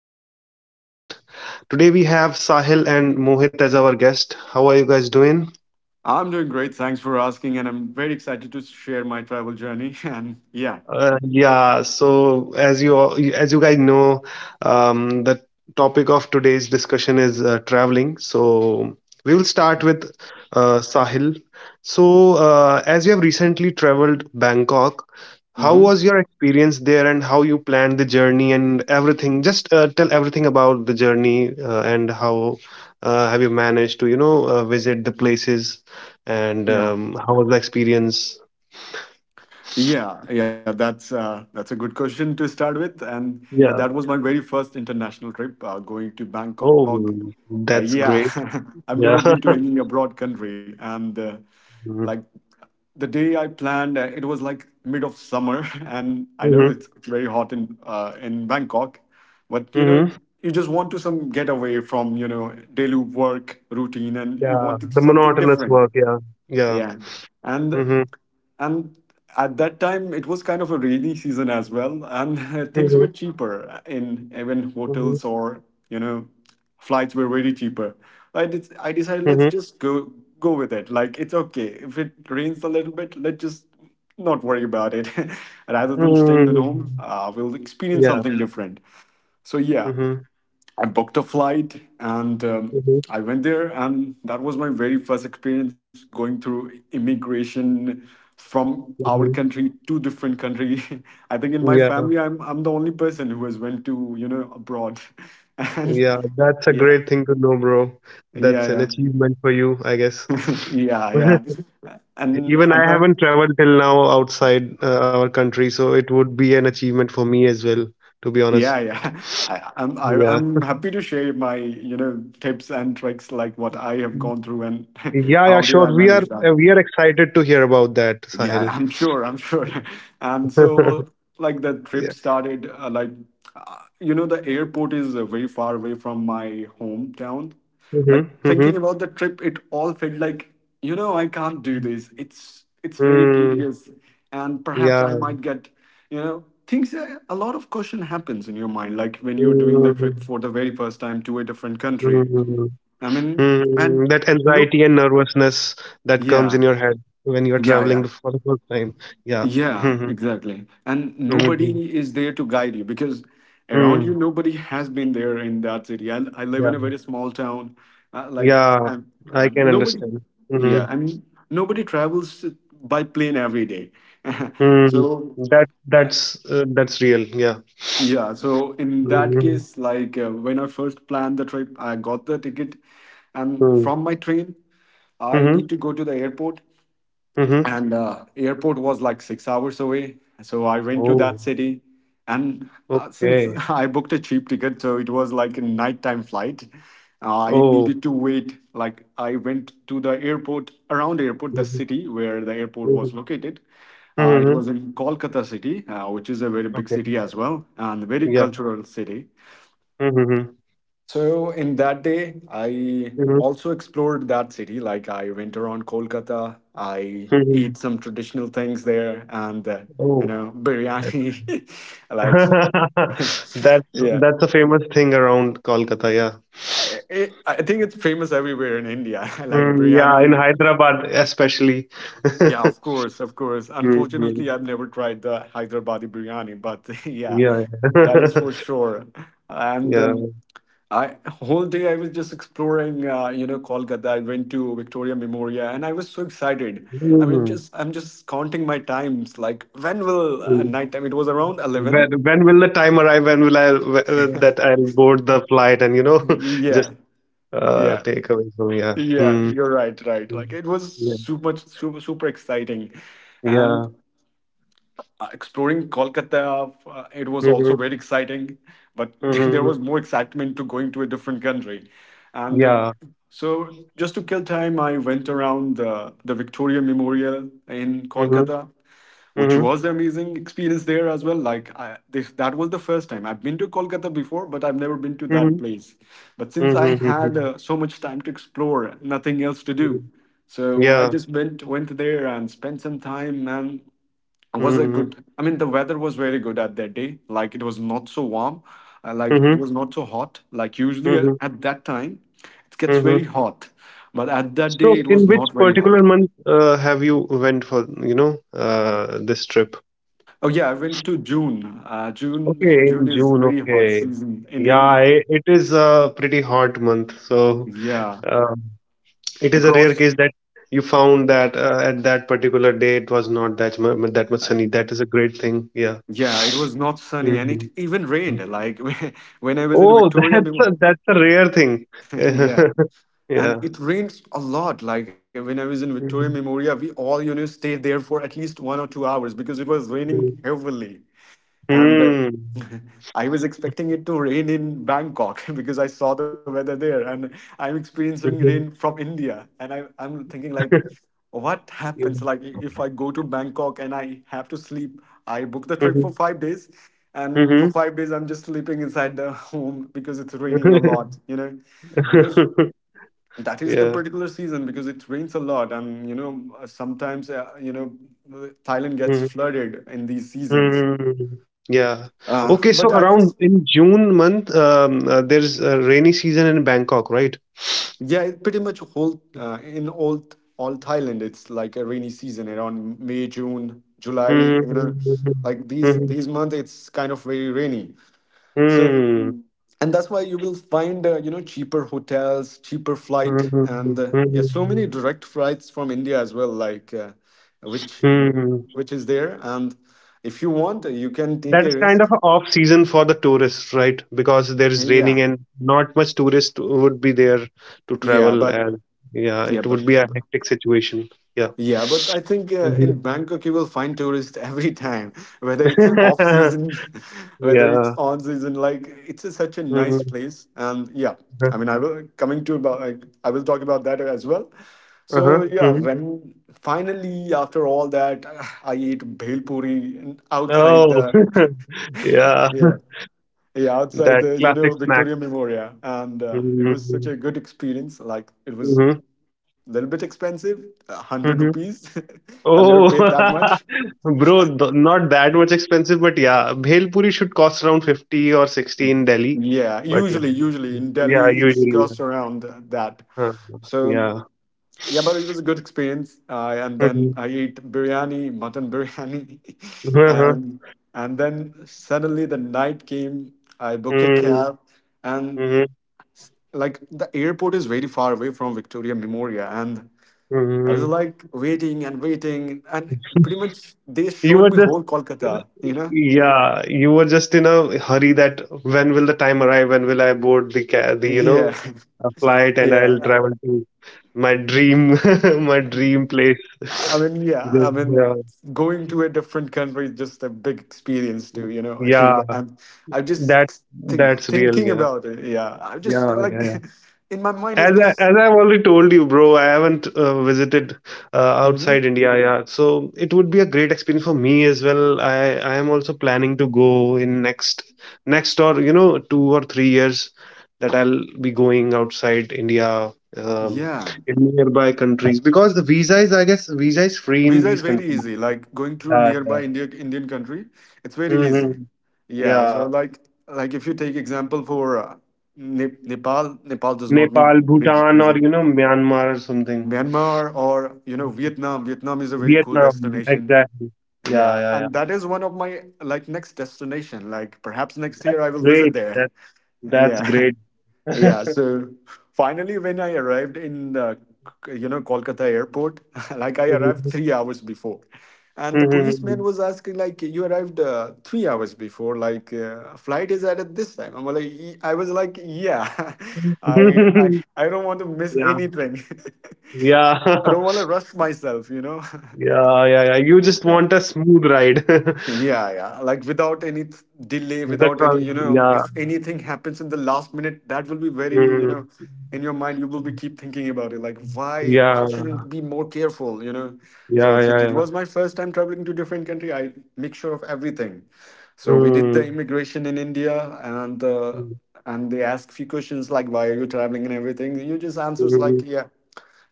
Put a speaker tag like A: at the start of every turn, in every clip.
A: host of the podcast. Today we have Sahil and Mohit as our guest. How are you guys doing?
B: I'm doing great. Thanks for asking. And I'm very excited to share my travel journey. And yeah.
A: Yeah, so as you guys know, the topic of today's discussion is traveling. So we will start with Sahil. So as you have recently traveled Bangkok, how
B: hmm
A: was your experience there, and how you planned the journey and everything? Just tell everything about the journey and how have you managed to visit the places and
B: Yeah.
A: how was the experience?
B: Yeah, yeah, that's a good question to start with, and yeah,
A: Yeah.
B: that was my very first international trip, going to
A: Oh,
B: Bangkok.
A: that's great.
B: Yeah, I've
A: Yeah.
B: never been to any abroad country, and like the day I planned, it was like mid of summer, and I
A: Mm-hmm.
B: know it's very hot in Bangkok, but you
A: Mm-hmm.
B: know you just want to some getaway from you know daily work routine, and you
A: Yeah.
B: wanted
A: The
B: something
A: monotonous
B: different.
A: work. Yeah. Yeah.
B: Yeah. And
A: Mm-hmm.
B: and at that time it was kind of a rainy season as well, and
A: Mm-hmm.
B: things were cheaper in even
A: Mm-hmm.
B: hotels or you know flights were very cheaper. I
A: Mm-hmm.
B: decided let's just go with it. Like it's okay if it rains a little bit, let's just not worry about it, rather than staying at
A: Mm-hmm.
B: home. We'll experience
A: Yeah.
B: something different. So yeah,
A: Mm-hmm.
B: I booked a flight and
A: Mm-hmm.
B: I went there, and that was my very first experience going through immigration from our
A: Mm-hmm.
B: country to different country. I think in my family,
A: Yeah.
B: I'm the only person who has went to you know abroad, and
A: Yeah. That's a
B: yeah,
A: great thing to know, bro. That's
B: yeah,
A: an achievement for you, I guess.
B: yeah, yeah, yeah,
A: Even I haven't traveled till now outside our country, so it would be an achievement for me as well, to be
B: yeah,
A: honest.
B: yeah.
A: Yeah.
B: I'm happy to share my you know tips and tricks like what I have gone through, and
A: Yeah, yeah,
B: how did
A: sure.
B: I
A: We are
B: manage that.
A: uh, we are excited to hear about that,
B: Yeah,
A: Sahil.
B: I'm sure. I'm sure. And so, like, the trip
A: Yeah.
B: started, you know, the airport is very far away from my hometown. Like,
A: Mm-hmm, mm-hmm.
B: thinking about the trip, it all felt like, you know, I can't do this. It's very
A: Mm,
B: tedious, and perhaps I
A: yeah.
B: might get, you know, things. A lot of question happens in your mind, like when you're doing the
A: Mm,
B: trip for the very first time to a different country.
A: mm,
B: I mean, and
A: mm. That
B: no,
A: anxiety and nervousness that comes
B: yeah,
A: in your head when you're
B: yeah,
A: traveling
B: yeah.
A: for the first time. Yeah.
B: Yeah,
A: Mm-hmm,
B: exactly. And
A: mm-hmm,
B: nobody is there to guide you because around you,
A: mm.
B: nobody has been there in that city. I live
A: Yeah.
B: in a very small town. Uh, like,
A: Yeah.
B: um,
A: I
B: um,
A: can
B: nobody,
A: understand. Mm-hmm,
B: yeah, nobody travels by plane every day.
A: mm.
B: So,
A: That's real. Yeah.
B: yeah, so in that
A: Mm-hmm,
B: case, like when I first planned the trip, I got the ticket, and
A: mm.
B: from my train, I
A: Mm-hmm,
B: need to go to the airport.
A: mm-hmm.
B: And airport was like 6 hours away, so I went to
A: Oh.
B: that city. And since
A: Okay.
B: I booked a cheap ticket, so it was like a nighttime flight. I
A: Oh.
B: needed to wait. Like I went to the airport around, airport, the
A: Mhm,
B: city where the airport was
A: mhm,
B: located. It
A: mhm.
B: was in Kolkata city, which is a very big
A: Okay.
B: city as well, and very
A: Yeah.
B: cultural city.
A: Mhm, mhm,
B: So in that day, I
A: mhm,
B: also explored that city. Like I went around Kolkata, I
A: mhm.
B: ate some traditional things there, and you
A: Oh,
B: know,
A: that's
B: biryani. Like,
A: that's
B: yeah,
A: that's a famous thing around Kolkata. Yeah.
B: I think it's famous everywhere in India. Like
A: Mm, yeah, in
B: biryani.
A: Hyderabad especially.
B: Yeah, of course, of course.
A: Mhm.
B: Unfortunately, I've never tried the Hyderabadi biryani, but yeah,
A: Yeah.
B: that is for sure. And
A: Yeah.
B: I whole day I was just exploring, you know, Kolkata. I went to Victoria Memorial, and I was so excited. I mean,
A: Mhm.
B: just I'm just counting my times. Like, when will
A: Mm.
B: night time? It was around 11.
A: When will the time arrive? When will I that I'll board the flight and you know just
B: Yeah, yeah,
A: take away from yeah.
B: yeah.
A: Mm.
B: You're right, right.
A: Mm.
B: Like, it was
A: Yeah.
B: super, super, super exciting, and
A: Yeah.
B: exploring Kolkata, it was also
A: Mm-hmm.
B: very exciting, but there
A: Mm-hmm.
B: was more excitement to going to a different country. And
A: Yeah.
B: so, just to kill time, I went around the Victoria Memorial in
A: Mm-hmm.
B: Kolkata, which
A: Mhm.
B: was an amazing experience there as well. That was the first time I've been to Kolkata before, but I've never been to that
A: Mhm.
B: place. But since I
A: Mhm.
B: had
A: Mhm.
B: so much time to explore, nothing else to do,
A: Mhm.
B: so I
A: Yeah.
B: just went there and spent some time, and was a
A: Mhm.
B: good, I mean the weather was very good at that day, like it was not so warm, like it
A: Mhm.
B: was not so hot. Like usually
A: Mhm.
B: at that time it gets very
A: Mhm.
B: hot, but at that day
A: So,
B: it was
A: in which
B: not very
A: particular
B: hot.
A: month have you went for, you know, this trip?
B: Oh yeah, I went to June, June,
A: Okay, in
B: June is
A: June.
B: very hot
A: Okay.
B: season
A: Yeah,
B: in
A: it is a pretty hot month. So,
B: yeah
A: um, it is a rare
B: across
A: case that you found that at that particular day it was not that much, that much
B: uh,
A: sunny. That is a great thing. Yeah.
B: yeah, it was not sunny, and it
A: Mhm.
B: even rained, like when I was in
A: Oh,
B: Victoria
A: that's a, that's a rare thing.
B: yeah. And
A: Yeah.
B: it rains a lot, like when I was in Victoria Memoria, we all you know stayed there for at least 1 or 2 hours because it was
A: Mm.
B: raining heavily. And I was expecting it to rain in Bangkok because I saw the weather there, and I'm experiencing
A: Mhm.
B: rain from India, and I'm thinking like, what
A: Yeah.
B: happens like if I go to Bangkok and I have to sleep? I book the trip
A: Mhm.
B: for 5 days, and for
A: Mhm.
B: 5 days I'm just sleeping inside the home because it's raining a lot, you know? Because that is the
A: Yeah.
B: particular season, because it rains a lot, and you know, sometimes you know, Thailand gets
A: Mm.
B: flooded in these seasons.
A: Mm. Yeah.
B: But
A: Okay,
B: I
A: so
B: was
A: around in June month, there's a rainy season in Bangkok, right?
B: Yeah, it pretty much whole, in all Thailand it's like a rainy season around May, June, July, you know.
A: Mm.
B: Like these
A: Mhm.
B: these months it's kind of very rainy. So,
A: Mhm. Mm.
B: and that's why you will find, you know, cheaper hotels, cheaper flight,
A: Mhm.
B: and yeah, so many
A: Mhm.
B: direct flights from India as well, like which mm,
A: Mm.
B: which is there. And if you want, you can take
A: That is
B: a
A: kind
B: risk.
A: of an off season for the tourists, right? Because there is
B: Yeah,
A: raining and not much tourist would be there to
B: yeah,
A: travel,
B: but
A: and yeah,
B: yeah,
A: it
B: but
A: would be a hectic situation. Yeah.
B: yeah, but I think in
A: Mhm.
B: Bangkok you will find tourists every time, whether it's off season, whether it's
A: Yeah.
B: on season. Like it's a, such a nice
A: Mhm.
B: place, and yeah,
A: Uh-huh.
B: I mean, I will talk about that as well.
A: Uh-huh.
B: So yeah,
A: Mhm.
B: when finally after all that, I ate bhel puri and outside
A: Oh,
B: the
A: yeah.
B: yeah, yeah, outside
A: That
B: the you know
A: classic snack.
B: Victoria Memorial, and it was such
A: Mhm.
B: a good experience. Like it was
A: Mhm.
B: a little bit expensive, 100
A: Mhm.
B: rupees. I've never paid
A: Oh,
B: that much.
A: bro, not that much expensive, but yeah, bhel puri should cost around 50 or 60
B: Mm.
A: in Delhi.
B: Yeah,
A: But
B: usually
A: yeah,
B: usually in Delhi
A: yeah,
B: it's
A: usually. Yeah.
B: cost around that.
A: Huh,
B: So
A: yeah.
B: yeah, but it was a good experience. And
A: Mhm.
B: then I ate biryani, mutton biryani.
A: Uh-huh.
B: and and then suddenly the night came, I booked a
A: Mm,
B: cab, and
A: mhm,
B: like the airport is very far away from Victoria Memorial, and I was
A: mhm.
B: like waiting and waiting, and pretty much they showed
A: You
B: me
A: were
B: whole
A: just,
B: Kolkata, you know?
A: yeah, you were just in a hurry that when will the time arrive? When will I board the ca the, you
B: Yeah,
A: know, a flight and
B: yeah.
A: I'll travel to my dream, my dream place.
B: Yeah, I
A: Just, yeah,
B: mean, going to a different country is just a big experience to, you know, achieve.
A: yeah,
B: And I'm just
A: that that's real.
B: thinking
A: Yeah,
B: about it. Yeah, I'm just
A: yeah,
B: like
A: yeah. Yeah.
B: in my mind, it's
A: As I,
B: just,
A: as I've already told you, bro, I haven't visited uh,
B: mhm,
A: outside India. Yeah, so it would be a great experience for me as well. I am also planning to go in next or 2 or 3 years that I'll be going outside India, um,
B: yeah.
A: in nearby countries because the visa is, I guess, visa is free in
B: Visa is
A: these
B: very
A: countries.
B: easy. Like going to
A: Yeah, yeah.
B: nearby India, Indian country, it's very easy.
A: Hmm.
B: Yeah. So
A: Yeah,
B: like if you take example for Nepal, Nepal does not need
A: Nepal, Bhutan, or
B: visa.
A: you know Myanmar or something.
B: Myanmar or you know Vietnam. Vietnam is a very cool
A: Vietnam,
B: destination.
A: exactly. Yeah,
B: Yeah,
A: yeah, yeah.
B: and that is one of my like next destination. Like perhaps next
A: That's
B: year I will visit
A: great.
B: there.
A: That that's
B: Yeah.
A: great.
B: Yeah, so finally, when I arrived in you know Kolkata airport, like I arrived
A: Mhm.
B: 3 hours before, and the policeman
A: Mhm.
B: was asking like, "You arrived 3 hours before, like flight is at this time." I was like, "Yeah, I I I don't want to miss
A: Yeah,
B: anything.
A: yeah,
B: I don't want to rush myself, you know."
A: yeah, yeah, yeah. You just want a smooth ride.
B: Yeah, yeah. Like without delay, without any, you know,
A: Yeah,
B: if anything happens in the last minute, that will be very, you
A: mm,
B: know, in your mind, you will be keep thinking about it. Like why
A: yeah,
B: shouldn't be more careful, you know? So
A: yeah, yeah,
B: since it
A: yeah.
B: was my first time traveling to different country, I make sure of everything. So we did
A: Mm,
B: the immigration in India, and they ask few questions like, why are you traveling and everything. You just
A: mm,
B: answers like
A: mm,
B: yeah,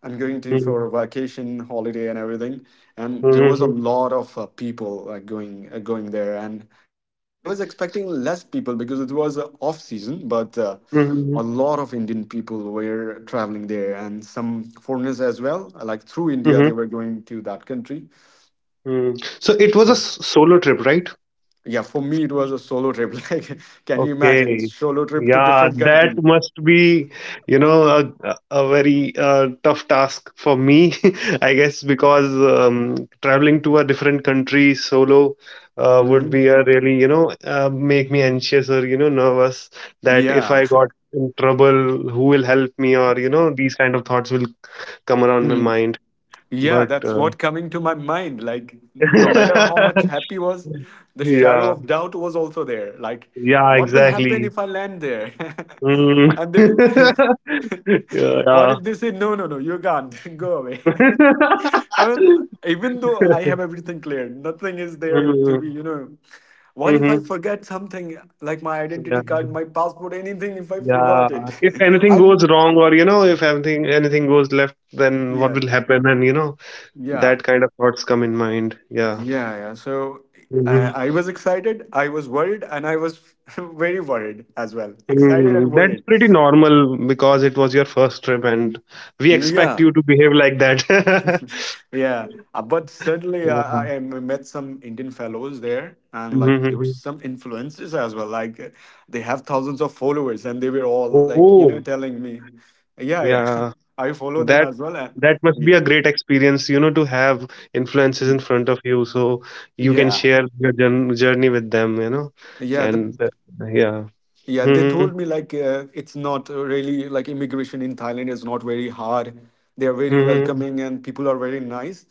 B: I'm going to for a
A: mm,
B: vacation, holiday, and everything. And there was a
A: mm,
B: lot of people going going there. And I was expecting less people because it was off season, but
A: mm,
B: a lot of Indian people were traveling there, and some foreigners as well. Like through India,
A: mm,
B: they were going to that country.
A: mm. So it was a
B: So
A: solo trip, right?
B: yeah, for me, it was a solo trip. Like, can you imagine
A: Okay.
B: solo trip to
A: Yeah,
B: different
A: that
B: country?
A: must be, you know, a very tough task for me, I guess, because traveling to a different country solo would
B: hmm
A: be a really, you know, make me anxious or, you know, nervous that if
B: Yeah.
A: I got in trouble, who will help me or, you know, these kind of thoughts will come around my mind.
B: Yeah,
A: But
B: that's what coming to my mind. Like, no matter how much happy was, the shadow
A: yeah,
B: of doubt was also there. Like,
A: yeah,
B: what will happen
A: exactly.
B: if I land there?
A: Mm.
B: And they will.
A: Yeah,
B: what if they say, "No, no, no, you can't go away?" I mean, even though I have everything clear, nothing is there to be,
A: mm,
B: you know. What if I
A: mhm.
B: forget something like my
A: Yeah.
B: identity card, my passport, anything? If I
A: Yeah.
B: forgot it,
A: If anything
B: I'll.
A: goes wrong or, you know, if anything goes left, then what
B: Yeah,
A: will happen? And, you know,
B: yeah.
A: that kind of thoughts come in mind. Yeah.
B: Yeah, yeah. So
A: Mhm.
B: I was excited, I was worried, and I was very worried as well. Excited and
A: Mm, that's
B: worried.
A: pretty normal because it was your first trip and we expect
B: Yeah,
A: you to behave like that.
B: yeah. But suddenly
A: Yeah.
B: I met some Indian fellows there, and like there were
A: Mhm.
B: some influencers as well. They have thousands of followers, and they were all like, you know,
A: Oh,
B: telling me, yeah, yeah,
A: yeah.
B: I follow them
A: That
B: as well. And
A: that must
B: yeah.
A: be a great experience, you know, to have influences
B: Mm.
A: in front of you, so you can
B: Yeah,
A: share your journey with them, you know,
B: yeah. The
A: and yeah.
B: Yeah, they
A: Hmm.
B: told me it's not really like immigration in Thailand is not very hard. They are very
A: Hmm.
B: welcoming and people are very nice.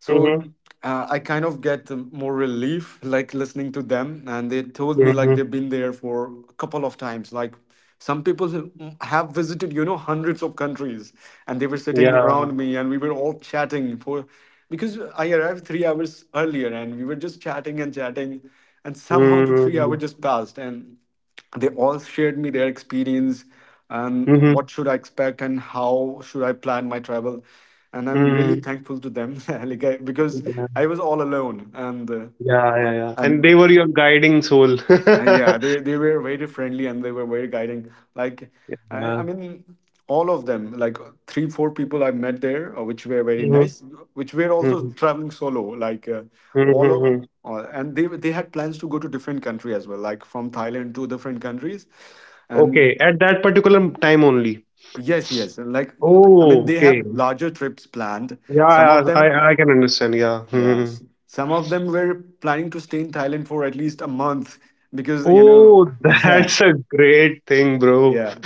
B: So
A: Hmm.
B: I kind of get more relief like listening to them. And they told me like
A: Hmm.
B: they've been there for a couple of times. Like some people who have visited, you know, hundreds of countries, and they were sitting
A: Yeah.
B: around me, and we were all chatting for, because I arrived 3 hours earlier, and we were just chatting. And somehow the 3 hour
A: Mm-hmm.
B: just passed. And they all shared me their experience and
A: Hmm.
B: what should I expect and how should I plan my travel, and I'm really thankful to them, like I, because
A: Yeah.
B: I was all alone, and
A: Yeah, yeah, yeah. And
B: and
A: they were your guiding soul.
B: yeah, they were very friendly and they were very guiding. Like, I
A: Yeah.
B: mean, all of them, like three, four people I met there, which were very
A: Mhm,
B: nice, which were also
A: mhm,
B: traveling solo.
A: mhm, mhm.
B: And they had plans to go to different country as well, like from Thailand to different countries, and
A: Okay, at that particular time only.
B: yes, yes, like I mean,
A: Oh,
B: they
A: okay.
B: have larger trips planned.
A: Yeah,
B: Some
A: I
B: of them,
A: I, I can understand. Yeah. Mm-hmm.
B: yes, some of them were planning to stay in Thailand for at least a month because you know,
A: Oh,
B: yeah.
A: that's a great thing, bro.
B: Yeah.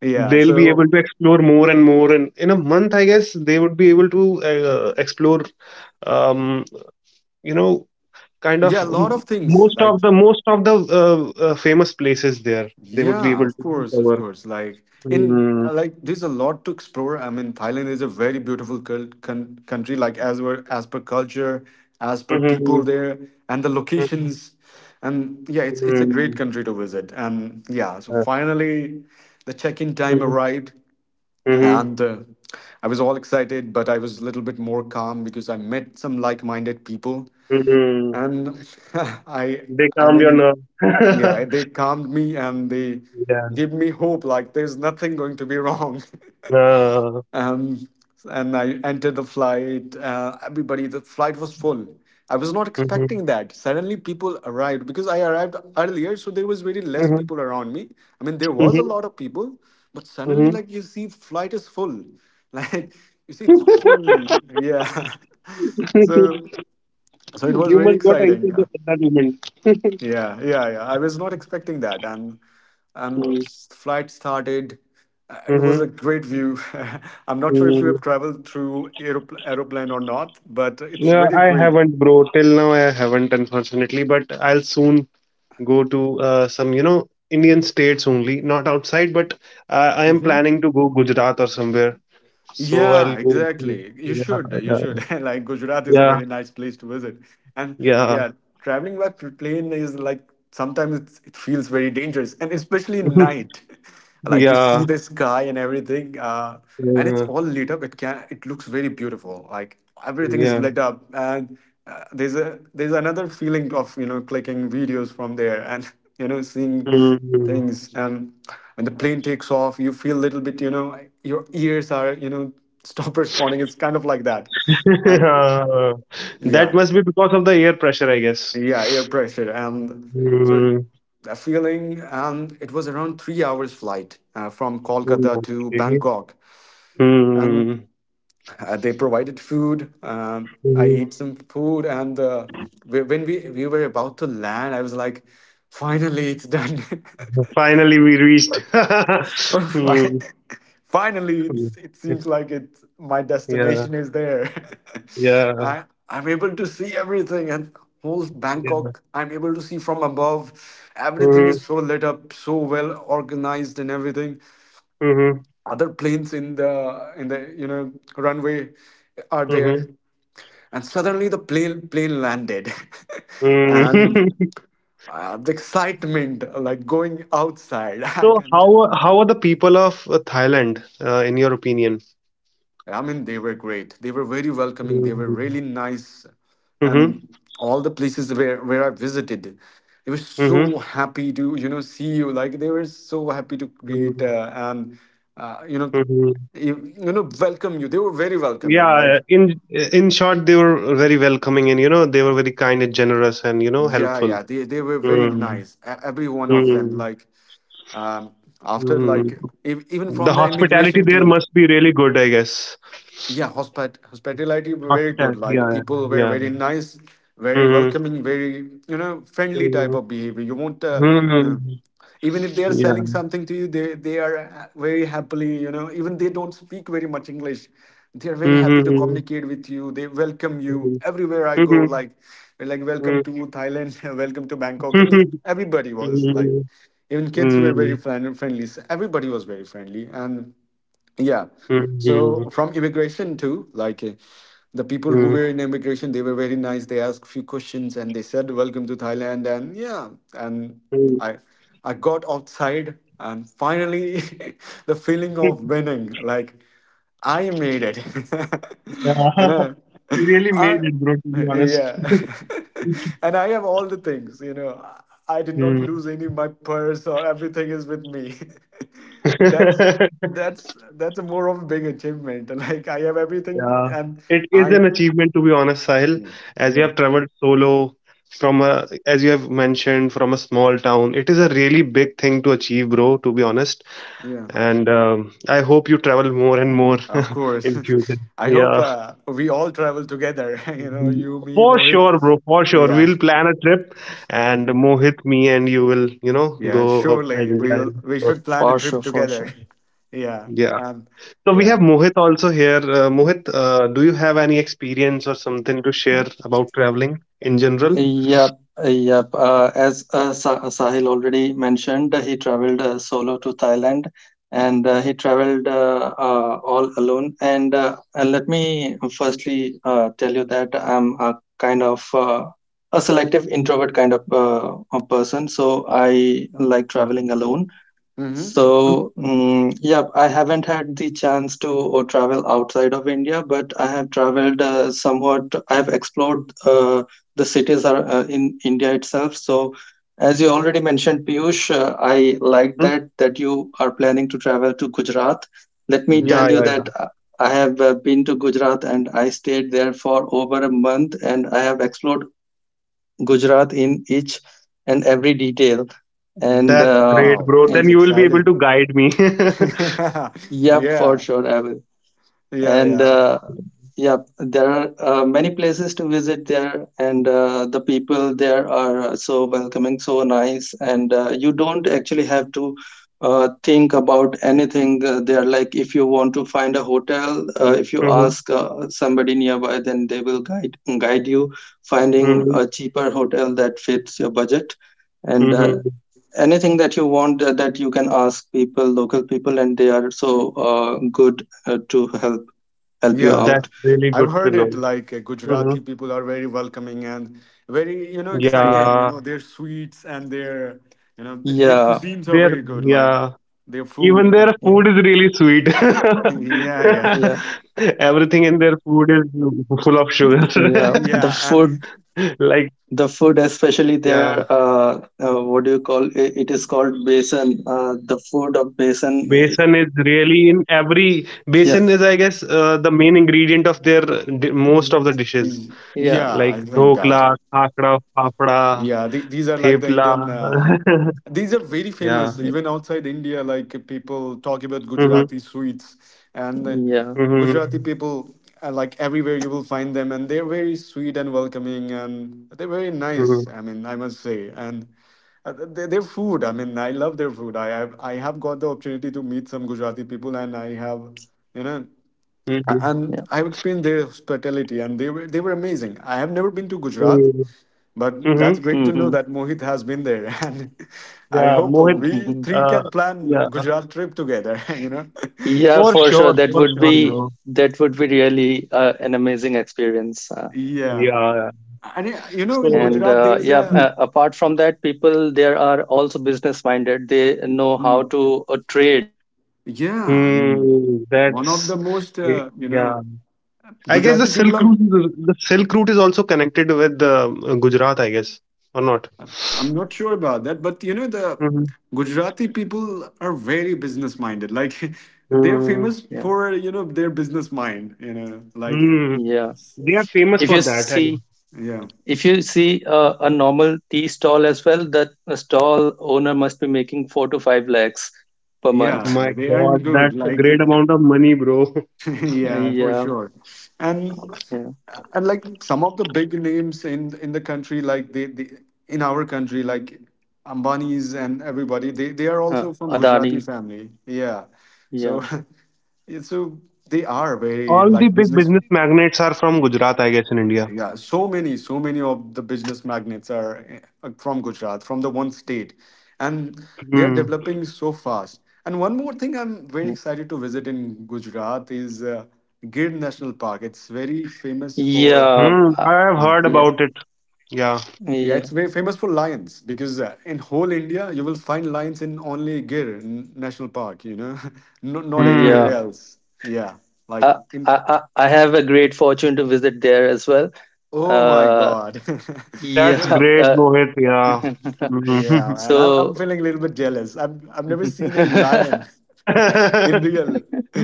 B: Yeah.
A: They'll be able to
B: So,
A: explore more and more. And in a month, I guess they would be able to explore, um, you know, kind
B: yeah, a
A: of
B: lot of things.
A: most
B: Like,
A: of the most of the famous places there. They would be
B: yeah,
A: able
B: of
A: to
B: course, of
A: discover.
B: course. Like,
A: Mm-hmm.
B: there's a lot to explore. I mean, Thailand is a very beautiful country. Like, as well as per culture, as per
A: Mm-hmm.
B: people there, and the locations, and yeah, it's a
A: Mm-hmm.
B: great country to visit. And yeah, so finally, the check-in time arrived,
A: Mm-hmm.
B: and I was all excited, but I was a little bit more calm because I met some like-minded people,
A: Mm-hmm.
B: and i
A: They
B: i
A: calmed your
B: mean yeah,
A: nerve.
B: they calmed me and they
A: Yeah.
B: give me hope like there's nothing going to be wrong.
A: Uh,
B: um, and I entered the flight. Everybody, the flight was full. I was not
A: hmm,
B: expecting that suddenly people arrived, because I arrived earlier, so there was very less
A: hmm,
B: people around me. I mean, there was a lot of people, but suddenly
A: hmm.
B: like you see, flight is full. like you see, it's full. Yeah. so so it was
A: You
B: very
A: must got into
B: exciting.
A: at that moment.
B: Yeah, yeah, yeah. I was not expecting that, and flight started. It was
A: Mm-hmm.
B: a great view. I'm not sure if you
A: Mm.
B: have traveled through aeroplane or not, but it's
A: Yeah,
B: really
A: I
B: great.
A: haven't, bro. Till now, I haven't, unfortunately. But I'll soon go to some, you know, Indian states only, not outside. But I am planning to go Gujarat or somewhere. So
B: Yeah,
A: I'll go.
B: exactly. You should. You
A: Yeah,
B: should. Like, Gujarat is a
A: yeah,
B: very nice place to visit. And
A: yeah, yeah,
B: yeah, traveling by plane is like sometimes it feels very dangerous, and especially night. Like you
A: yeah,
B: see the sky and everything, and it's
A: uh,
B: all lit up. It can. It looks very beautiful. Like everything is
A: yeah.
B: lit up, and there's a there's another feeling of, you know, clicking videos from there, and, you know, seeing
A: Mhm.
B: things. And when the plane takes off, you feel a little bit, you know, your ears are, you know, stop responding. It's kind of like that. And
A: That
B: yeah,
A: must be because of the air pressure, I guess.
B: yeah, air pressure, and so
A: Mm-hmm.
B: that feeling. And it was around 3 hours flight, from Kolkata to
A: Okay.
B: Bangkok. And
A: Hmm.
B: they provided food. I
A: Hmm.
B: ate some food. And when we were about to land, I was like, finally, it's done.
A: Finally, we reached.
B: So Fi-
A: Hmm.
B: Finally,
A: Hmm.
B: it seems like it's, my
A: Yeah.
B: destination is there.
A: Yeah.
B: I, I'm able to see everything, and whole
A: Yeah.
B: Bangkok, I'm able to see from above. Everything
A: Hmm.
B: is so lit up, so well organized, and everything.
A: Hmm.
B: Other planes in the you know, runway are there,
A: Hmm.
B: and suddenly the plane landed,
A: Hmm.
B: and the excitement, like going outside. I
A: So,
B: can.
A: how are the people of Thailand, in your opinion?
B: I mean, they were great. They were very welcoming. They were
A: Mm-hmm.
B: really nice. And
A: Mm-hmm.
B: all the places where, I visited, they were so happy to, you know, see you. Like, they were so happy to greet, and, you know,
A: Mm-hmm.
B: you know, welcome you. They were very welcoming.
A: Yeah,
B: Like,
A: in short, they were very welcoming, and you know, they were very kind and generous, and you know,
B: yeah, yeah,
A: helpful.
B: they were very
A: Mm-hmm.
B: nice. Every one of them. Like, um, after like,
A: Mm.
B: even
A: The
B: from the
A: hospitality
B: immigration
A: there
B: team.
A: must be really good, I guess.
B: Yeah, hospitality were very good.
A: Hospitality,
B: Like
A: yeah,
B: people were
A: yeah,
B: very
A: yeah.
B: nice, very
A: Mm-hmm.
B: welcoming, very, you know, friendly type of behavior. You won't
A: Mm-hmm.
B: uh, even if they are
A: Yeah.
B: selling something to you, they are very happily, you know, even they don't speak very much English. They are very happy to
A: Hmm.
B: communicate with you. They welcome you
A: Hmm.
B: everywhere I go. Like,
A: Hmm. Hmm.
B: welcome to Thailand, welcome to Bangkok. Everybody was like,
A: Hmm.
B: even kids were very friendly. So everybody was very friendly and. Yeah.
A: Hmm.
B: So from immigration too, like the people who
A: Mm-hmm.
B: were in immigration, they were very nice. They asked few questions and they said, "Welcome to Thailand." And yeah, and I I got outside and finally the feeling of winning, like I made it. You
A: Yeah.
B: know,
A: You really
B: I
A: made it, bro, to be honest.
B: yeah. and I have all the things, you know. I did not
A: Mm.
B: lose any of my purse or everything is with me. that's that's a more of a big achievement. Like I have everything
A: Yeah,
B: and
A: it is
B: I.
A: an achievement to be honest, Sahil.
B: Hmm.
A: As you
B: Yeah,
A: have traveled solo from a, as you have mentioned, from a small town, it is a really big thing to achieve, bro. To be honest,
B: yeah.
A: and I hope you travel more and more
B: Of course.
A: in future.
B: I hope
A: Yeah.
B: we all travel together, you know,
A: Mhm.
B: you, me,
A: For
B: Mohit.
A: sure, bro. For sure,
B: Yeah.
A: we'll plan a trip, and Mohit, me, and you will, you know,
B: Yeah,
A: go outside.
B: surely we should plan a
C: For
B: trip
C: sure, for
B: together.
C: sure.
B: Yeah.
A: Yeah. So we have
B: Yeah.
A: Mohit also here. Mohit, do you have any experience or something to share about traveling in general?
C: Yep, yep. Sahil already mentioned, he traveled solo to Thailand and he traveled all alone. And let me firstly tell you that I'm a kind of a selective introvert kind of a person. So I like traveling alone.
B: Mm-hmm.
A: Mm-hmm.
C: So, yeah, I haven't had the chance to travel outside of India, but I have traveled somewhat. I have explored the cities are, in India itself. So, as you already mentioned, Piyush, I like
A: Mm-hmm.
C: that you are planning to travel to Gujarat. Let me
B: Mm-hmm.
A: Yeah,
C: tell you
A: yeah, yeah.
C: that I have been to Gujarat and I stayed there for over a month, and I have explored Gujarat in each and every detail. And
B: Mm-hmm.
A: That's great,
B: Wow,
A: bro. Then
B: that's
A: you will be able to
B: exciting.
A: guide me.
B: yeah,
C: yep, for
B: yeah,
C: sure, I will.
B: yeah,
C: And
B: yeah.
C: yep, there are many places to visit there, and the people there are so welcoming, so nice, and you don't actually have to think about anything there. Like if you want to find a hotel, if you
A: Mm-hmm.
C: ask somebody nearby, then they will guide you finding
A: Mm-hmm.
C: a cheaper hotel that fits your budget. And
A: Mm-hmm.
C: anything that you want that you can ask people local people, and they are so good to help you
B: Yeah.
C: out.
B: I've
A: That's
B: heard it
A: really
B: like
A: good to know.
B: Gujarati people are very
A: Mm-hmm.
B: welcoming and very, you know,
C: Yeah,
B: excited. You know, their
A: Yeah,
B: sweets and their, you know, their
C: yeah,
B: cuisines are
A: there.
B: very good, like
A: Yeah,
B: their
A: even
B: food
A: their
B: and
C: yeah,
A: food is really sweet.
B: yeah, yeah,
C: yeah,
A: Everything in their food is full of sugar.
C: yeah,
B: yeah, and
A: Like,
C: the food especially there,
A: yeah.
C: what do you call it, it is called basin, the food of basin.
A: Basin is really in
C: Yeah.
A: every basin is, I guess, the main ingredient of their
C: Mhm.
A: most of the dishes
C: Yeah,
B: yeah. I think
A: like
B: that.
A: dhokla, khakra,
B: Yeah, the, these
A: fafda,
B: are like the Indian.
A: thepla.
B: These are very famous
C: yeah,
B: even
A: Yeah.
B: outside India. Like people talk about Gujarati
A: Mm-hmm.
B: sweets, and
C: yeah,
B: Gujarati
A: Mm-hmm.
B: people like everywhere you will find them, and they're very sweet and welcoming, and they're very nice. I
A: Mm-hmm.
B: mean, I must say, and their food. I mean, I love their food. I have got the opportunity to meet some Gujarati people, and I have, you know,
C: yeah.
B: and I've experienced their hospitality, and they were amazing. I have never been to Gujarat,
A: Hmm.
B: but that's great
A: Hmm.
B: to know
C: Hmm,
B: that Mohit has been there, and I hope
A: Yeah, Mohit.
B: we three can
A: Uh,
B: plan
A: yeah,
B: Gujarat trip together. You know,
C: yeah, for sure
A: for sure, bro.
C: that would be really an amazing experience.
B: yeah,
A: Yeah.
B: and you know, in
C: And
A: So,
B: Gujarat there's
C: Yeah,
B: a,
A: mm,
C: apart from that, people there are also business minded. They know how
B: mm,
C: to trade, and
B: yeah. I mean,
C: they know how to
B: one
A: that's
B: of the
C: buy
B: most
C: in
B: you
C: lesser
A: yeah.
B: know,
C: price and sell in higher
A: I guess the
B: Gujarati
C: price,
A: Silk
B: people
C: but
B: are.
A: Route,
C: not
A: is- the
C: like
A: Silk Route is
C: scamming
A: also
C: people, but
A: connected
C: they
A: with
C: are in
A: Gujarat, I
C: general
A: guess,
C: good
A: or not?
C: businessmen.
B: I'm not sure about that, but you know the
A: Hmm.
B: Gujarati people are very business minded. Like, they're
A: Hmm.
B: famous
C: Yeah,
B: for, you know, their business mind. You know, like
A: Hmm.
C: yeah.
A: They are famous
C: if
A: for
C: you
A: that. I guess.
C: see
B: yeah.
C: if you see a normal tea stall as well, that a stall owner must be making 4 to 5 lakhs per
B: Yeah,
C: month.
A: My
B: they earn
A: God,
B: good.
A: that's a
B: Like
A: great amount of money, bro.
B: yeah, for
C: Yeah,
B: sure. And
C: yeah,
B: and like some of the big names in the country, like they in our country, like Ambanis and everybody, they are
C: uh,
B: also from Gujarati
C: adani.
B: family. Yeah,
C: Yeah.
B: so yeah, so they are very
A: All the
B: like
A: big
B: business.
A: business magnates are from Gujarat, I guess, in India.
B: Yeah, so many, so many of the business magnates are from Gujarat, from the one state, and they are
A: Hmm.
B: developing so fast. And one more thing I'm very excited to visit in Gujarat is Gir National Park. It's very famous for,
C: Yeah,
A: Hmm.
C: uh,
A: I have
B: yeah,
A: heard
C: yeah,
A: about it. Yeah.
B: yeah, it's
C: yeah,
B: very famous for lions because in whole India you will find lions in only Gir National Park, you know, not, not anywhere
A: Hmm.
C: yeah.
B: else. Yeah, like
C: I,
B: in,
C: I have a great fortune to visit there as well.
B: oh my
C: Uh,
B: God.
A: That's
B: yeah.
C: yeah.
A: great, Mohit. Yeah.
B: Yeah,
A: Mhm.
B: man. I'm
C: So
B: feeling a little bit jealous. I've never seen a lion in real.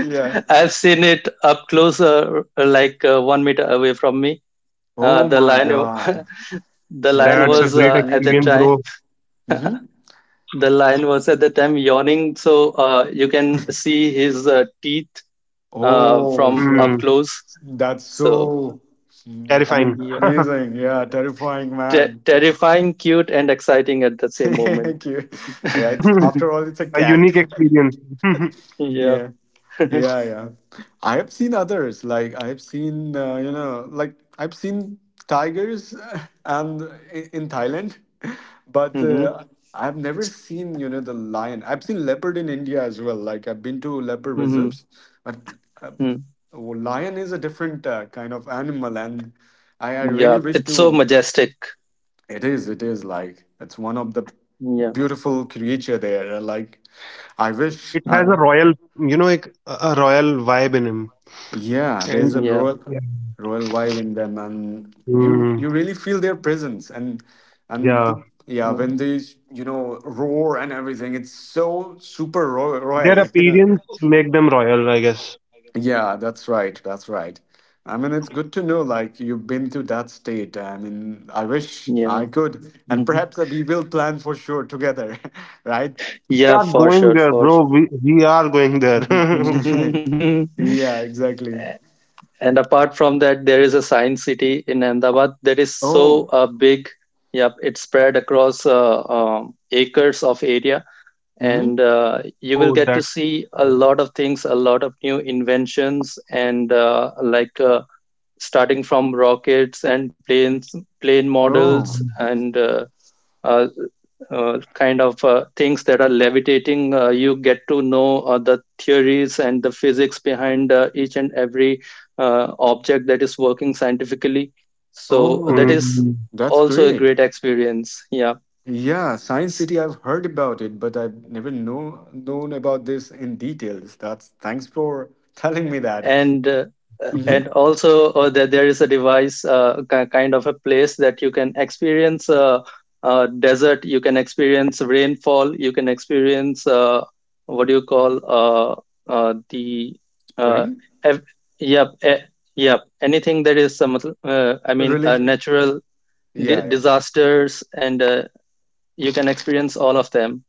B: Yeah.
C: I've seen it up closer, like 1 meter away from me.
B: Oh
C: The
B: my
C: lion,
B: God.
C: the
B: Such a
C: lion
A: That's a
C: was
A: great
B: majestic
C: at that
A: experience,
B: creature.
C: time.
A: bro.
B: Mm-hmm.
C: The lion was at that time yawning, so you can see his teeth
B: Oh,
C: from
B: shit.
C: up
A: Hmm.
C: close.
B: That's
C: So.
B: so, mm, I
A: Terrifying.
B: mean,
C: Yeah.
B: amazing. Yeah, terrifying, man.
C: Terrifying, cute, and exciting at the same moment.
B: Thank you. Yeah, it's, after all, it's a
A: A
B: cat.
A: unique experience.
C: Yeah.
B: Yeah. Yeah, yeah. I have seen others. Like I have seen, you know, like I've seen tigers and in Thailand, but
C: Mm-hmm.
B: I've never seen, you know, the lion. I've seen leopard in India as well. Like I've been to leopard
C: Mm-hmm.
B: reserves, but uh,
C: Mm.
B: well, lion is a different kind of animal, and I
C: Yeah,
B: really wish
C: it's so
B: to.
C: majestic.
B: It is. It is like it's one of the
C: Yeah.
B: beautiful creature there. Like I wish
A: It has
B: I.
C: Yeah.
A: a royal, you know, like a royal vibe in him.
B: Yeah, there's
A: And
B: a
C: Yeah.
B: royal
A: yeah.
B: royal vibe in them, and you
A: Mm,
B: you really feel their presence, and and
A: yeah,
B: the, yeah, when
C: Mm,
B: they you know roar and everything, it's so super royal,
A: their
B: royal, you know.
A: appearance make them royal, I guess.
B: Yeah, that's right, that's right. I mean, it's good to know like you've been to that state. I mean, I wish
C: yeah.
B: I could, and
C: Mhm.
B: perhaps we will plan for sure together, right?
A: We
C: Yeah.
A: are
C: For
A: going
C: sure.
A: there,
C: For
A: bro.
C: sure.
A: We are going there.
B: Yeah, exactly.
C: And apart from that, there is a science city in Ahmedabad that is so
B: Oh,
C: big. Yep, it's spread across acres of area,
B: hmm.
C: and you will
A: Oh,
C: get to
A: that.
C: see a lot of things, a lot of new inventions, and starting from rockets and plane models,
B: Oh.
A: Mm,
C: and uh, kind of things that are levitating. You get to know the theories and the physics behind each and every object that is working scientifically, so that
B: Oh,
C: is
A: mm.
B: that's
C: also a
B: great.
C: great experience. Yeah.
B: Yeah, Science City, I've heard about it, but I've never known about this in details. That's thanks for telling me that.
C: And
B: Hmm.
C: and also that there is a device, kind of a place that you can experience desert, you can experience rainfall, you can experience what do you call the uh,
B: Spring?
C: ev- yep e- yep, anything that is some
B: Religion?
C: natural
B: Yeah, yeah.
C: disasters, and you can experience all of them.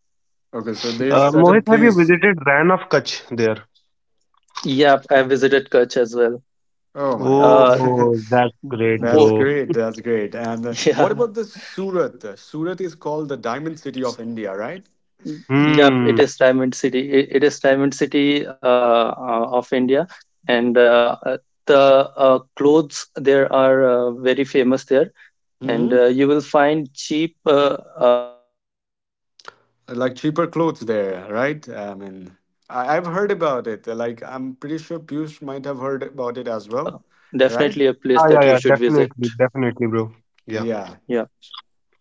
B: Okay, so there's certain
A: Mohit, have you
B: place.
A: visited Ran of Kutch there?
C: Yep, I visited Kutch as well.
B: Oh my God.
C: uh,
A: Oh, that's great,
B: That's
C: bo-
A: bro.
B: great. That's great. And what
C: yeah.
B: about the Surat? Surat is called the Diamond City of India, right?
C: Y- Yep, it
A: Hmm.
C: is Diamond City. It is Diamond City of India, and the clothes there are very famous there. And
B: Hmm.
C: you will find cheap uh, clothes, clothes
B: Like
C: in
B: cheaper
C: cheap
B: clothes
C: price, but
B: there,
C: of
B: right?
C: good
B: I
C: quality.
B: mean, I've heard
C: And
B: about it.
C: if you
B: Like,
C: are a
B: I'm pretty
C: clothes
B: sure Piyush
C: wholesaler,
B: might have
C: then
B: heard about
C: it
B: it
C: is
B: as well, right?
C: definitely a
A: Yeah,
C: place
A: yeah,
C: that you
A: yeah.
C: should visit.
A: Definitely, definitely, bro. Yeah.
B: Yeah,
C: Yeah,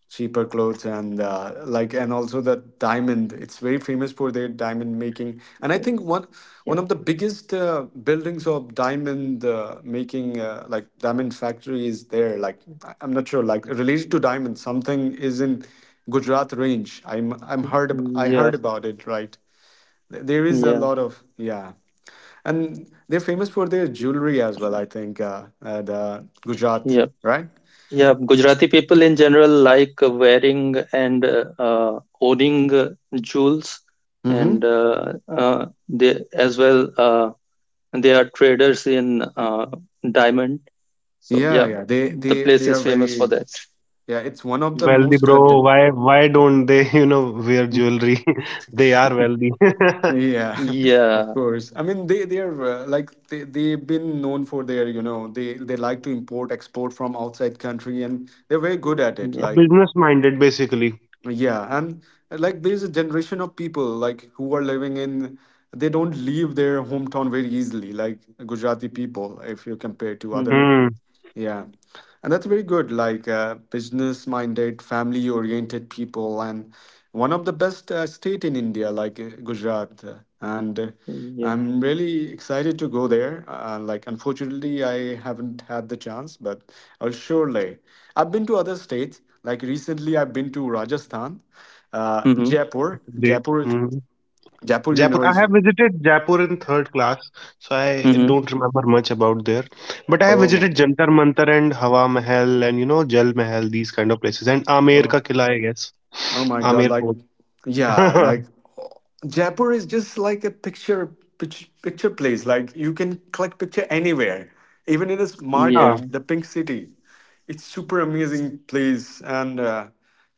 B: cheaper clothes and like, and also the diamond. It's very famous for their diamond making, and I think one
C: yeah,
B: one of the biggest buildings of diamond making, like diamond factory, is there. Like, I'm not sure, like related to diamond, something is in Gujarat range. I
C: yeah,
B: heard about it, right? There is a
C: yeah.
B: lot of, yeah, and they're famous for their jewelry as well. I think the Gujarat,
C: Yeah.
B: right?
C: Yeah, Gujarati people in general like wearing and owning jewels,
B: Mm-hmm.
C: and they as well, they are traders in diamond. So
B: Yeah,
C: yeah,
B: yeah. They
C: the
B: they
C: place
B: they
C: is
B: are
C: famous for
B: very
C: that.
B: yeah. It's one
A: They
B: of
A: are
B: the
C: Yeah.
A: wealthy,
B: most
A: bro. Why don't they, you know, wear
C: Mm.
A: jewelry? They are wealthy.
B: yeah, of
C: Yeah,
B: course. I mean, they are like they've been known for their you know they like to import export from outside country and they're very good at it.
C: yeah,
A: Yeah,
B: Like
A: business minded basically.
B: yeah, and like there's a generation of people like who are living in they don't leave their hometown very easily, like Gujarati people, if you compare to other
C: hmm,
A: Hmm.
B: yeah, and that's very good. Like business-minded, family-oriented people, and one of the best state in India, like Gujarat. And
C: yeah,
B: I'm really excited to go there. Like, unfortunately, I haven't had the chance, but I'll surely. I've been to other states. Like recently, I've been to Rajasthan,
C: hmm,
B: Jaipur.
A: That's great. Hmm.
B: You
A: Jaipur.
B: know,
A: I
B: is
A: have visited Jaipur in third class, so I
C: hmm,
A: don't remember much about there. But I have visited
B: oh,
A: Jantar Mantar and Hawa Mahal and you know Jal Mahal, these kind of places, and Amer
B: oh.
A: ka Qila, I guess.
B: Oh my God,
A: Amer
B: like,
A: Fort.
B: yeah, like Jaipur is just like a picture place. Like you can collect picture anywhere, even in this
A: Yeah,
C: yeah.
B: market, the Pink City. It's super amazing place and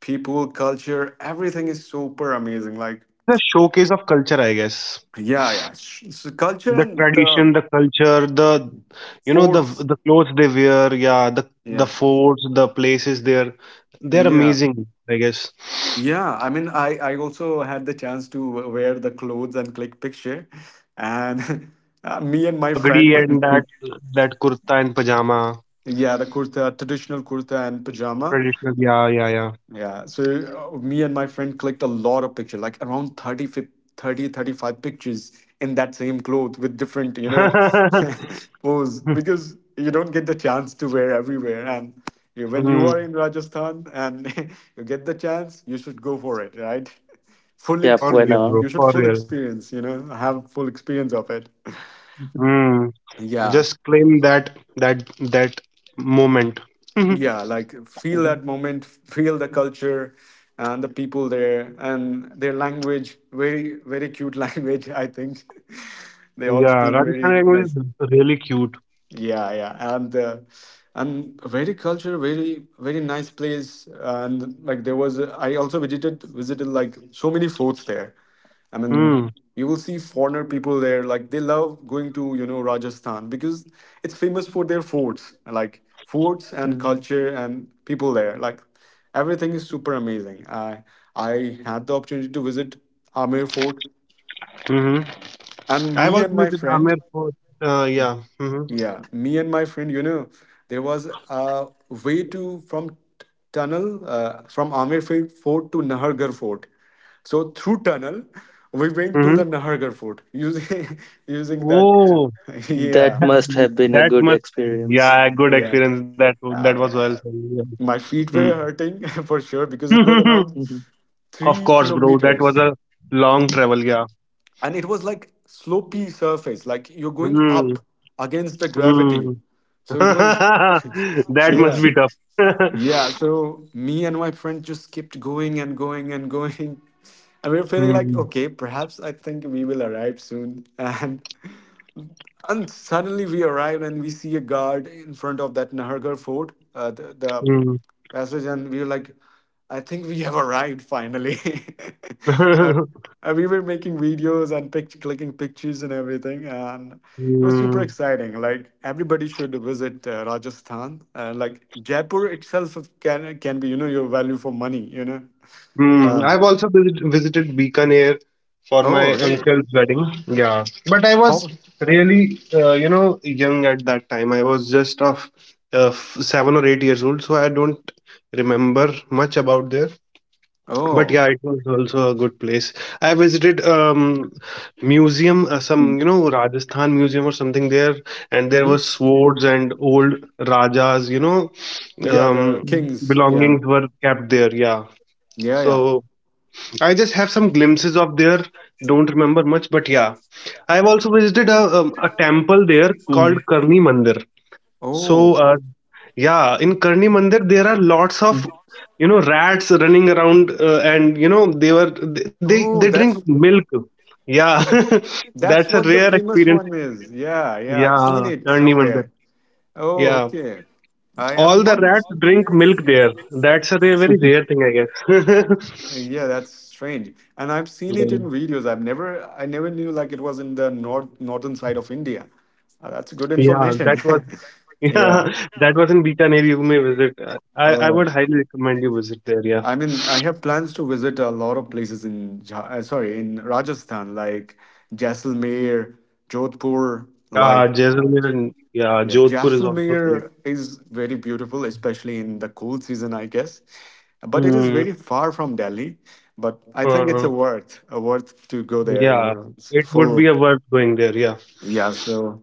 B: people, culture, everything is super amazing. Like,
A: it is a showcase of culture, I guess.
B: yeah, yeah, so culture
A: The
B: and the
A: tradition, the culture, the you know the
B: forts.
A: the clothes they wear, yeah, the
B: Yeah,
A: forts, the places there, they're
B: yeah.
A: amazing, I guess.
B: Yeah, I mean, I also had the chance to wear the clothes and click picture, and me
A: That
B: and my
A: pagdi
B: friend,
A: and that
C: Mhm.
A: that kurta and pajama,
B: yeah, the kurta, traditional kurta and pajama.
A: traditional, yeah, yeah,
B: Yeah. So me and my friend clicked a lot of pictures, like around 30, 35 pictures in that same cloth with different, you know,
A: yeah.
B: pose because you don't get the chance to wear everywhere. And you- when you
A: Hmm,
B: are in Rajasthan and you get the chance, you should go for it, right? Fully
C: Yeah.
A: for
C: Why
B: experience.
A: real,
C: not?
A: bro,
B: You should
A: for
B: full
A: real.
B: experience, you know, have full experience of it.
C: Mhm.
A: Hmm,
B: Yeah.
A: just claim that moment.
B: Yeah, like feel that
C: Mhm.
B: moment, feel the culture and the people there and their language, very very cute language, I think. They all
A: Yeah,
B: speak
A: Rajasthani
B: very
A: language
B: nice.
A: is really cute.
B: Yeah, yeah, and very culture, very very nice place, and like there was a- I also visited like so many forts there. I
A: Hmm.
B: mean, you will see foreigner people there, like they love going to you know Rajasthan because it's famous for their forts, like forts and
C: Mhm.
B: culture and people there. Like everything is super amazing. I had the opportunity to visit Amer Fort,
A: Mm-hmm.
B: and
A: I've
B: me
A: also
B: and my
A: visited
B: friend.
A: Amer Fort. Yeah. Mm-hmm.
B: Yeah, me and my friend, you know, there was a way to from t- tunnel from Fort to Nahargarh Fort. So through tunnel, we went to the
A: Mm-hmm.
B: Nahargarh Fort using using that.
A: Oh,
C: That
B: Yeah,
A: that,
C: must have been a
A: that
C: good
A: must
C: experience.
A: yeah, good
B: yeah. Um,
A: experience. That was well.
B: uh, my feet
A: Mm.
B: were hurting for sure because it was around
A: Of
B: three
A: course, bro. That was
B: kilometers,
A: a long
B: mm,
A: travel. Yeah.
B: and it was like slopey surface, like you're going up
A: Mm.
B: against the gravity.
A: Mm.
B: So it was,
A: That must
B: yeah.
A: be tough.
B: Yeah, so me and my friend just kept going and going and going. And we were feeling like,
A: Mm.
B: okay, perhaps I think we will arrive soon. And suddenly we arrive and we see a guard in front of that Nahargarh fort, the
A: Mm.
B: passage, and we were like, I think we have arrived finally. and, and we were making videos and clicking pictures and everything, and it was super
A: Mm.
B: exciting. Like everybody should visit Rajasthan. Like Jaipur itself can be, you know, your value for money. You know.
A: Hmm,
B: Uh,
A: I've also visited Bikaner for
B: oh,
A: my
B: really?
A: uncle's wedding. Yeah, but I was
B: Oh,
A: really, you know, young at that time. I was just of 7 or 8 years old, so I don't remember much about there. But
B: oh.
A: yeah, it was also a good place. I visited museum, some you know Rajasthan museum or something there, and there
B: Hmm.
A: were swords and old rajas, you know,
B: Yeah, the
A: um,
C: Mhm.
B: kings. Yeah,
A: belongings were kept there. Yeah,
B: yeah, yeah.
A: so. I just have some glimpses of there. Don't remember much, but yeah, I've also visited a temple there
C: Mm,
A: called Karni Mandir. So
B: Oh,
A: yeah, in Karni Mandir there are lots of
C: mm,
A: you know rats running around, and you know they were
B: oh,
A: they drink milk. Yeah,
B: uh, that's
A: that's a
B: what the
A: rare
B: famous
A: experience.
B: one is. Yeah, yeah, I've seen
A: Yeah,
B: it
A: Karni Mandir.
B: somewhere. Oh,
A: Yeah,
B: okay. I have
A: all the
B: not. Mis-
A: rats drink milk there. That's a very rare thing, I guess.
B: yeah, that's strange. And I've seen it
A: yeah,
B: in videos. I never knew like it was in the northern side of India. That's good
A: Yeah, that
B: information.
A: was
B: Yeah.
A: Yeah, that was in Bikaner. You may visit. I would
B: Oh,
A: highly recommend you visit there. Yeah.
B: I mean, I have plans to visit a lot of places in, sorry, in Rajasthan, like Jaisalmer, Jodhpur,
A: Yeah,
B: like.
A: Jaisalmer and yeah,
B: Yeah,
A: Jodhpur is also great.
B: Jaisalmer is very beautiful, especially in the cool season, I guess. But it is
A: Mm,
B: very far from Delhi. But I think it's
A: uh,
B: a worth to go there. You
A: yeah,
B: know, it's
A: it would be
B: full.
A: a worth going there. Yeah.
B: Yeah, so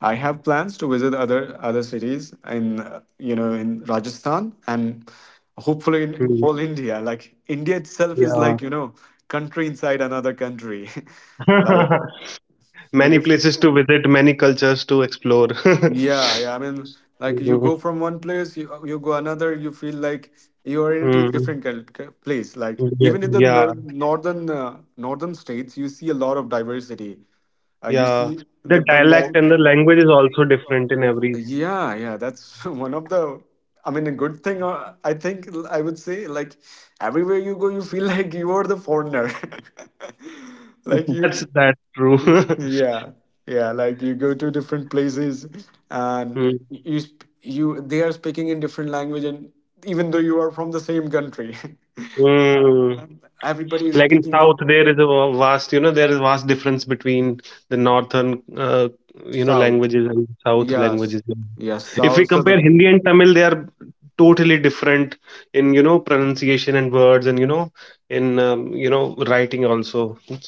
B: I have plans to visit other cities in you know in Rajasthan and hopefully in
A: Mm,
B: whole India. Like India itself is
A: yeah.
B: like you know country inside another country, like
A: Many
B: the diff-
A: places to visit, many cultures to explore.
B: yeah, yeah. I mean, like you
A: Mm,
B: go from one place, you go another, you feel like you are in a
A: mm,
B: different place. Like
A: yeah,
B: even in the
A: yeah,
B: northern northern states, you see a lot of diversity. You
A: yeah.
B: see the
A: The dialect
B: Bengal.
A: and the language is also different in every.
B: Yeah, yeah. That's one of the. I mean, a good thing. I think I would say like everywhere you go, you feel like you are the foreigner. Like
A: That's
B: you.
A: that's true.
B: Yeah, yeah. Like you go to different places, and
A: Mm,
B: you they are speaking in different language, and even though you are from the same country,
A: mm.
B: everybody is
A: Like in
B: speaking the
A: south there is a vast, you know, there is vast difference between the northern you know
B: South.
A: languages and south languages.
B: Yes, yes,
A: If we
B: South
A: compare
B: Southern.
A: Hindi and Tamil, they are totally different in, you know, pronunciation and words, and you know, in you know, writing also.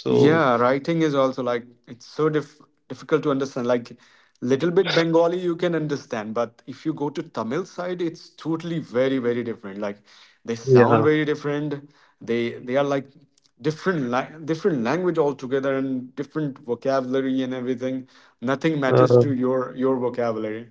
A: So
B: Yeah, writing is also like it's so difficult to understand. Like little bit Bengali you can understand, but if you go to Tamil side, it's totally very, very different. Like they sound
A: yeah,
B: very different. They are like different la different language altogether and different vocabulary and everything. Nothing matters
A: uh,
B: to your vocabulary.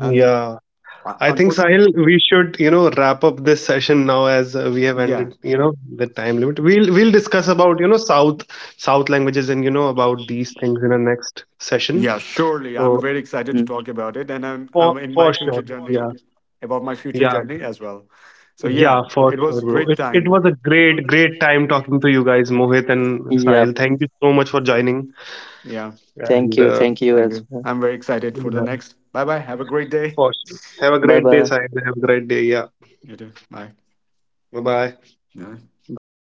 B: And
A: I think
B: unfortunately,
A: Sahil, we should, you know, wrap up this session now as we have
B: yeah,
A: ended, you know, the time limit. We'll discuss about, you know, South languages and you know about these things in the next session.
B: yeah, surely. I'm
A: So
B: very excited to
C: mm.
B: talk about it, and
A: for
B: I'm in my
A: for
B: future
A: sure,
B: journey
A: yeah,
B: about my future
A: yeah,
B: journey as well. So
A: yeah,
B: yeah,
A: for
B: it
A: sure,
B: was a
A: bro.
B: great
A: It
B: time.
A: was a great time talking to you guys, Mohit and
C: Yep.
A: Sahil. Thank you so much for joining,
B: Yeah,
C: Thank
A: and
C: you. Thank you
B: thank
C: as
B: you.
C: well.
B: I'm very excited for the
A: yeah,
B: next. Bye bye. Have a great day.
A: for sure. Have a
C: Bye
A: great day,
C: bye.
A: Sahil. Have a great day. Yeah,
B: You too. Bye.
A: bye bye.
B: Yeah.
C: Bye.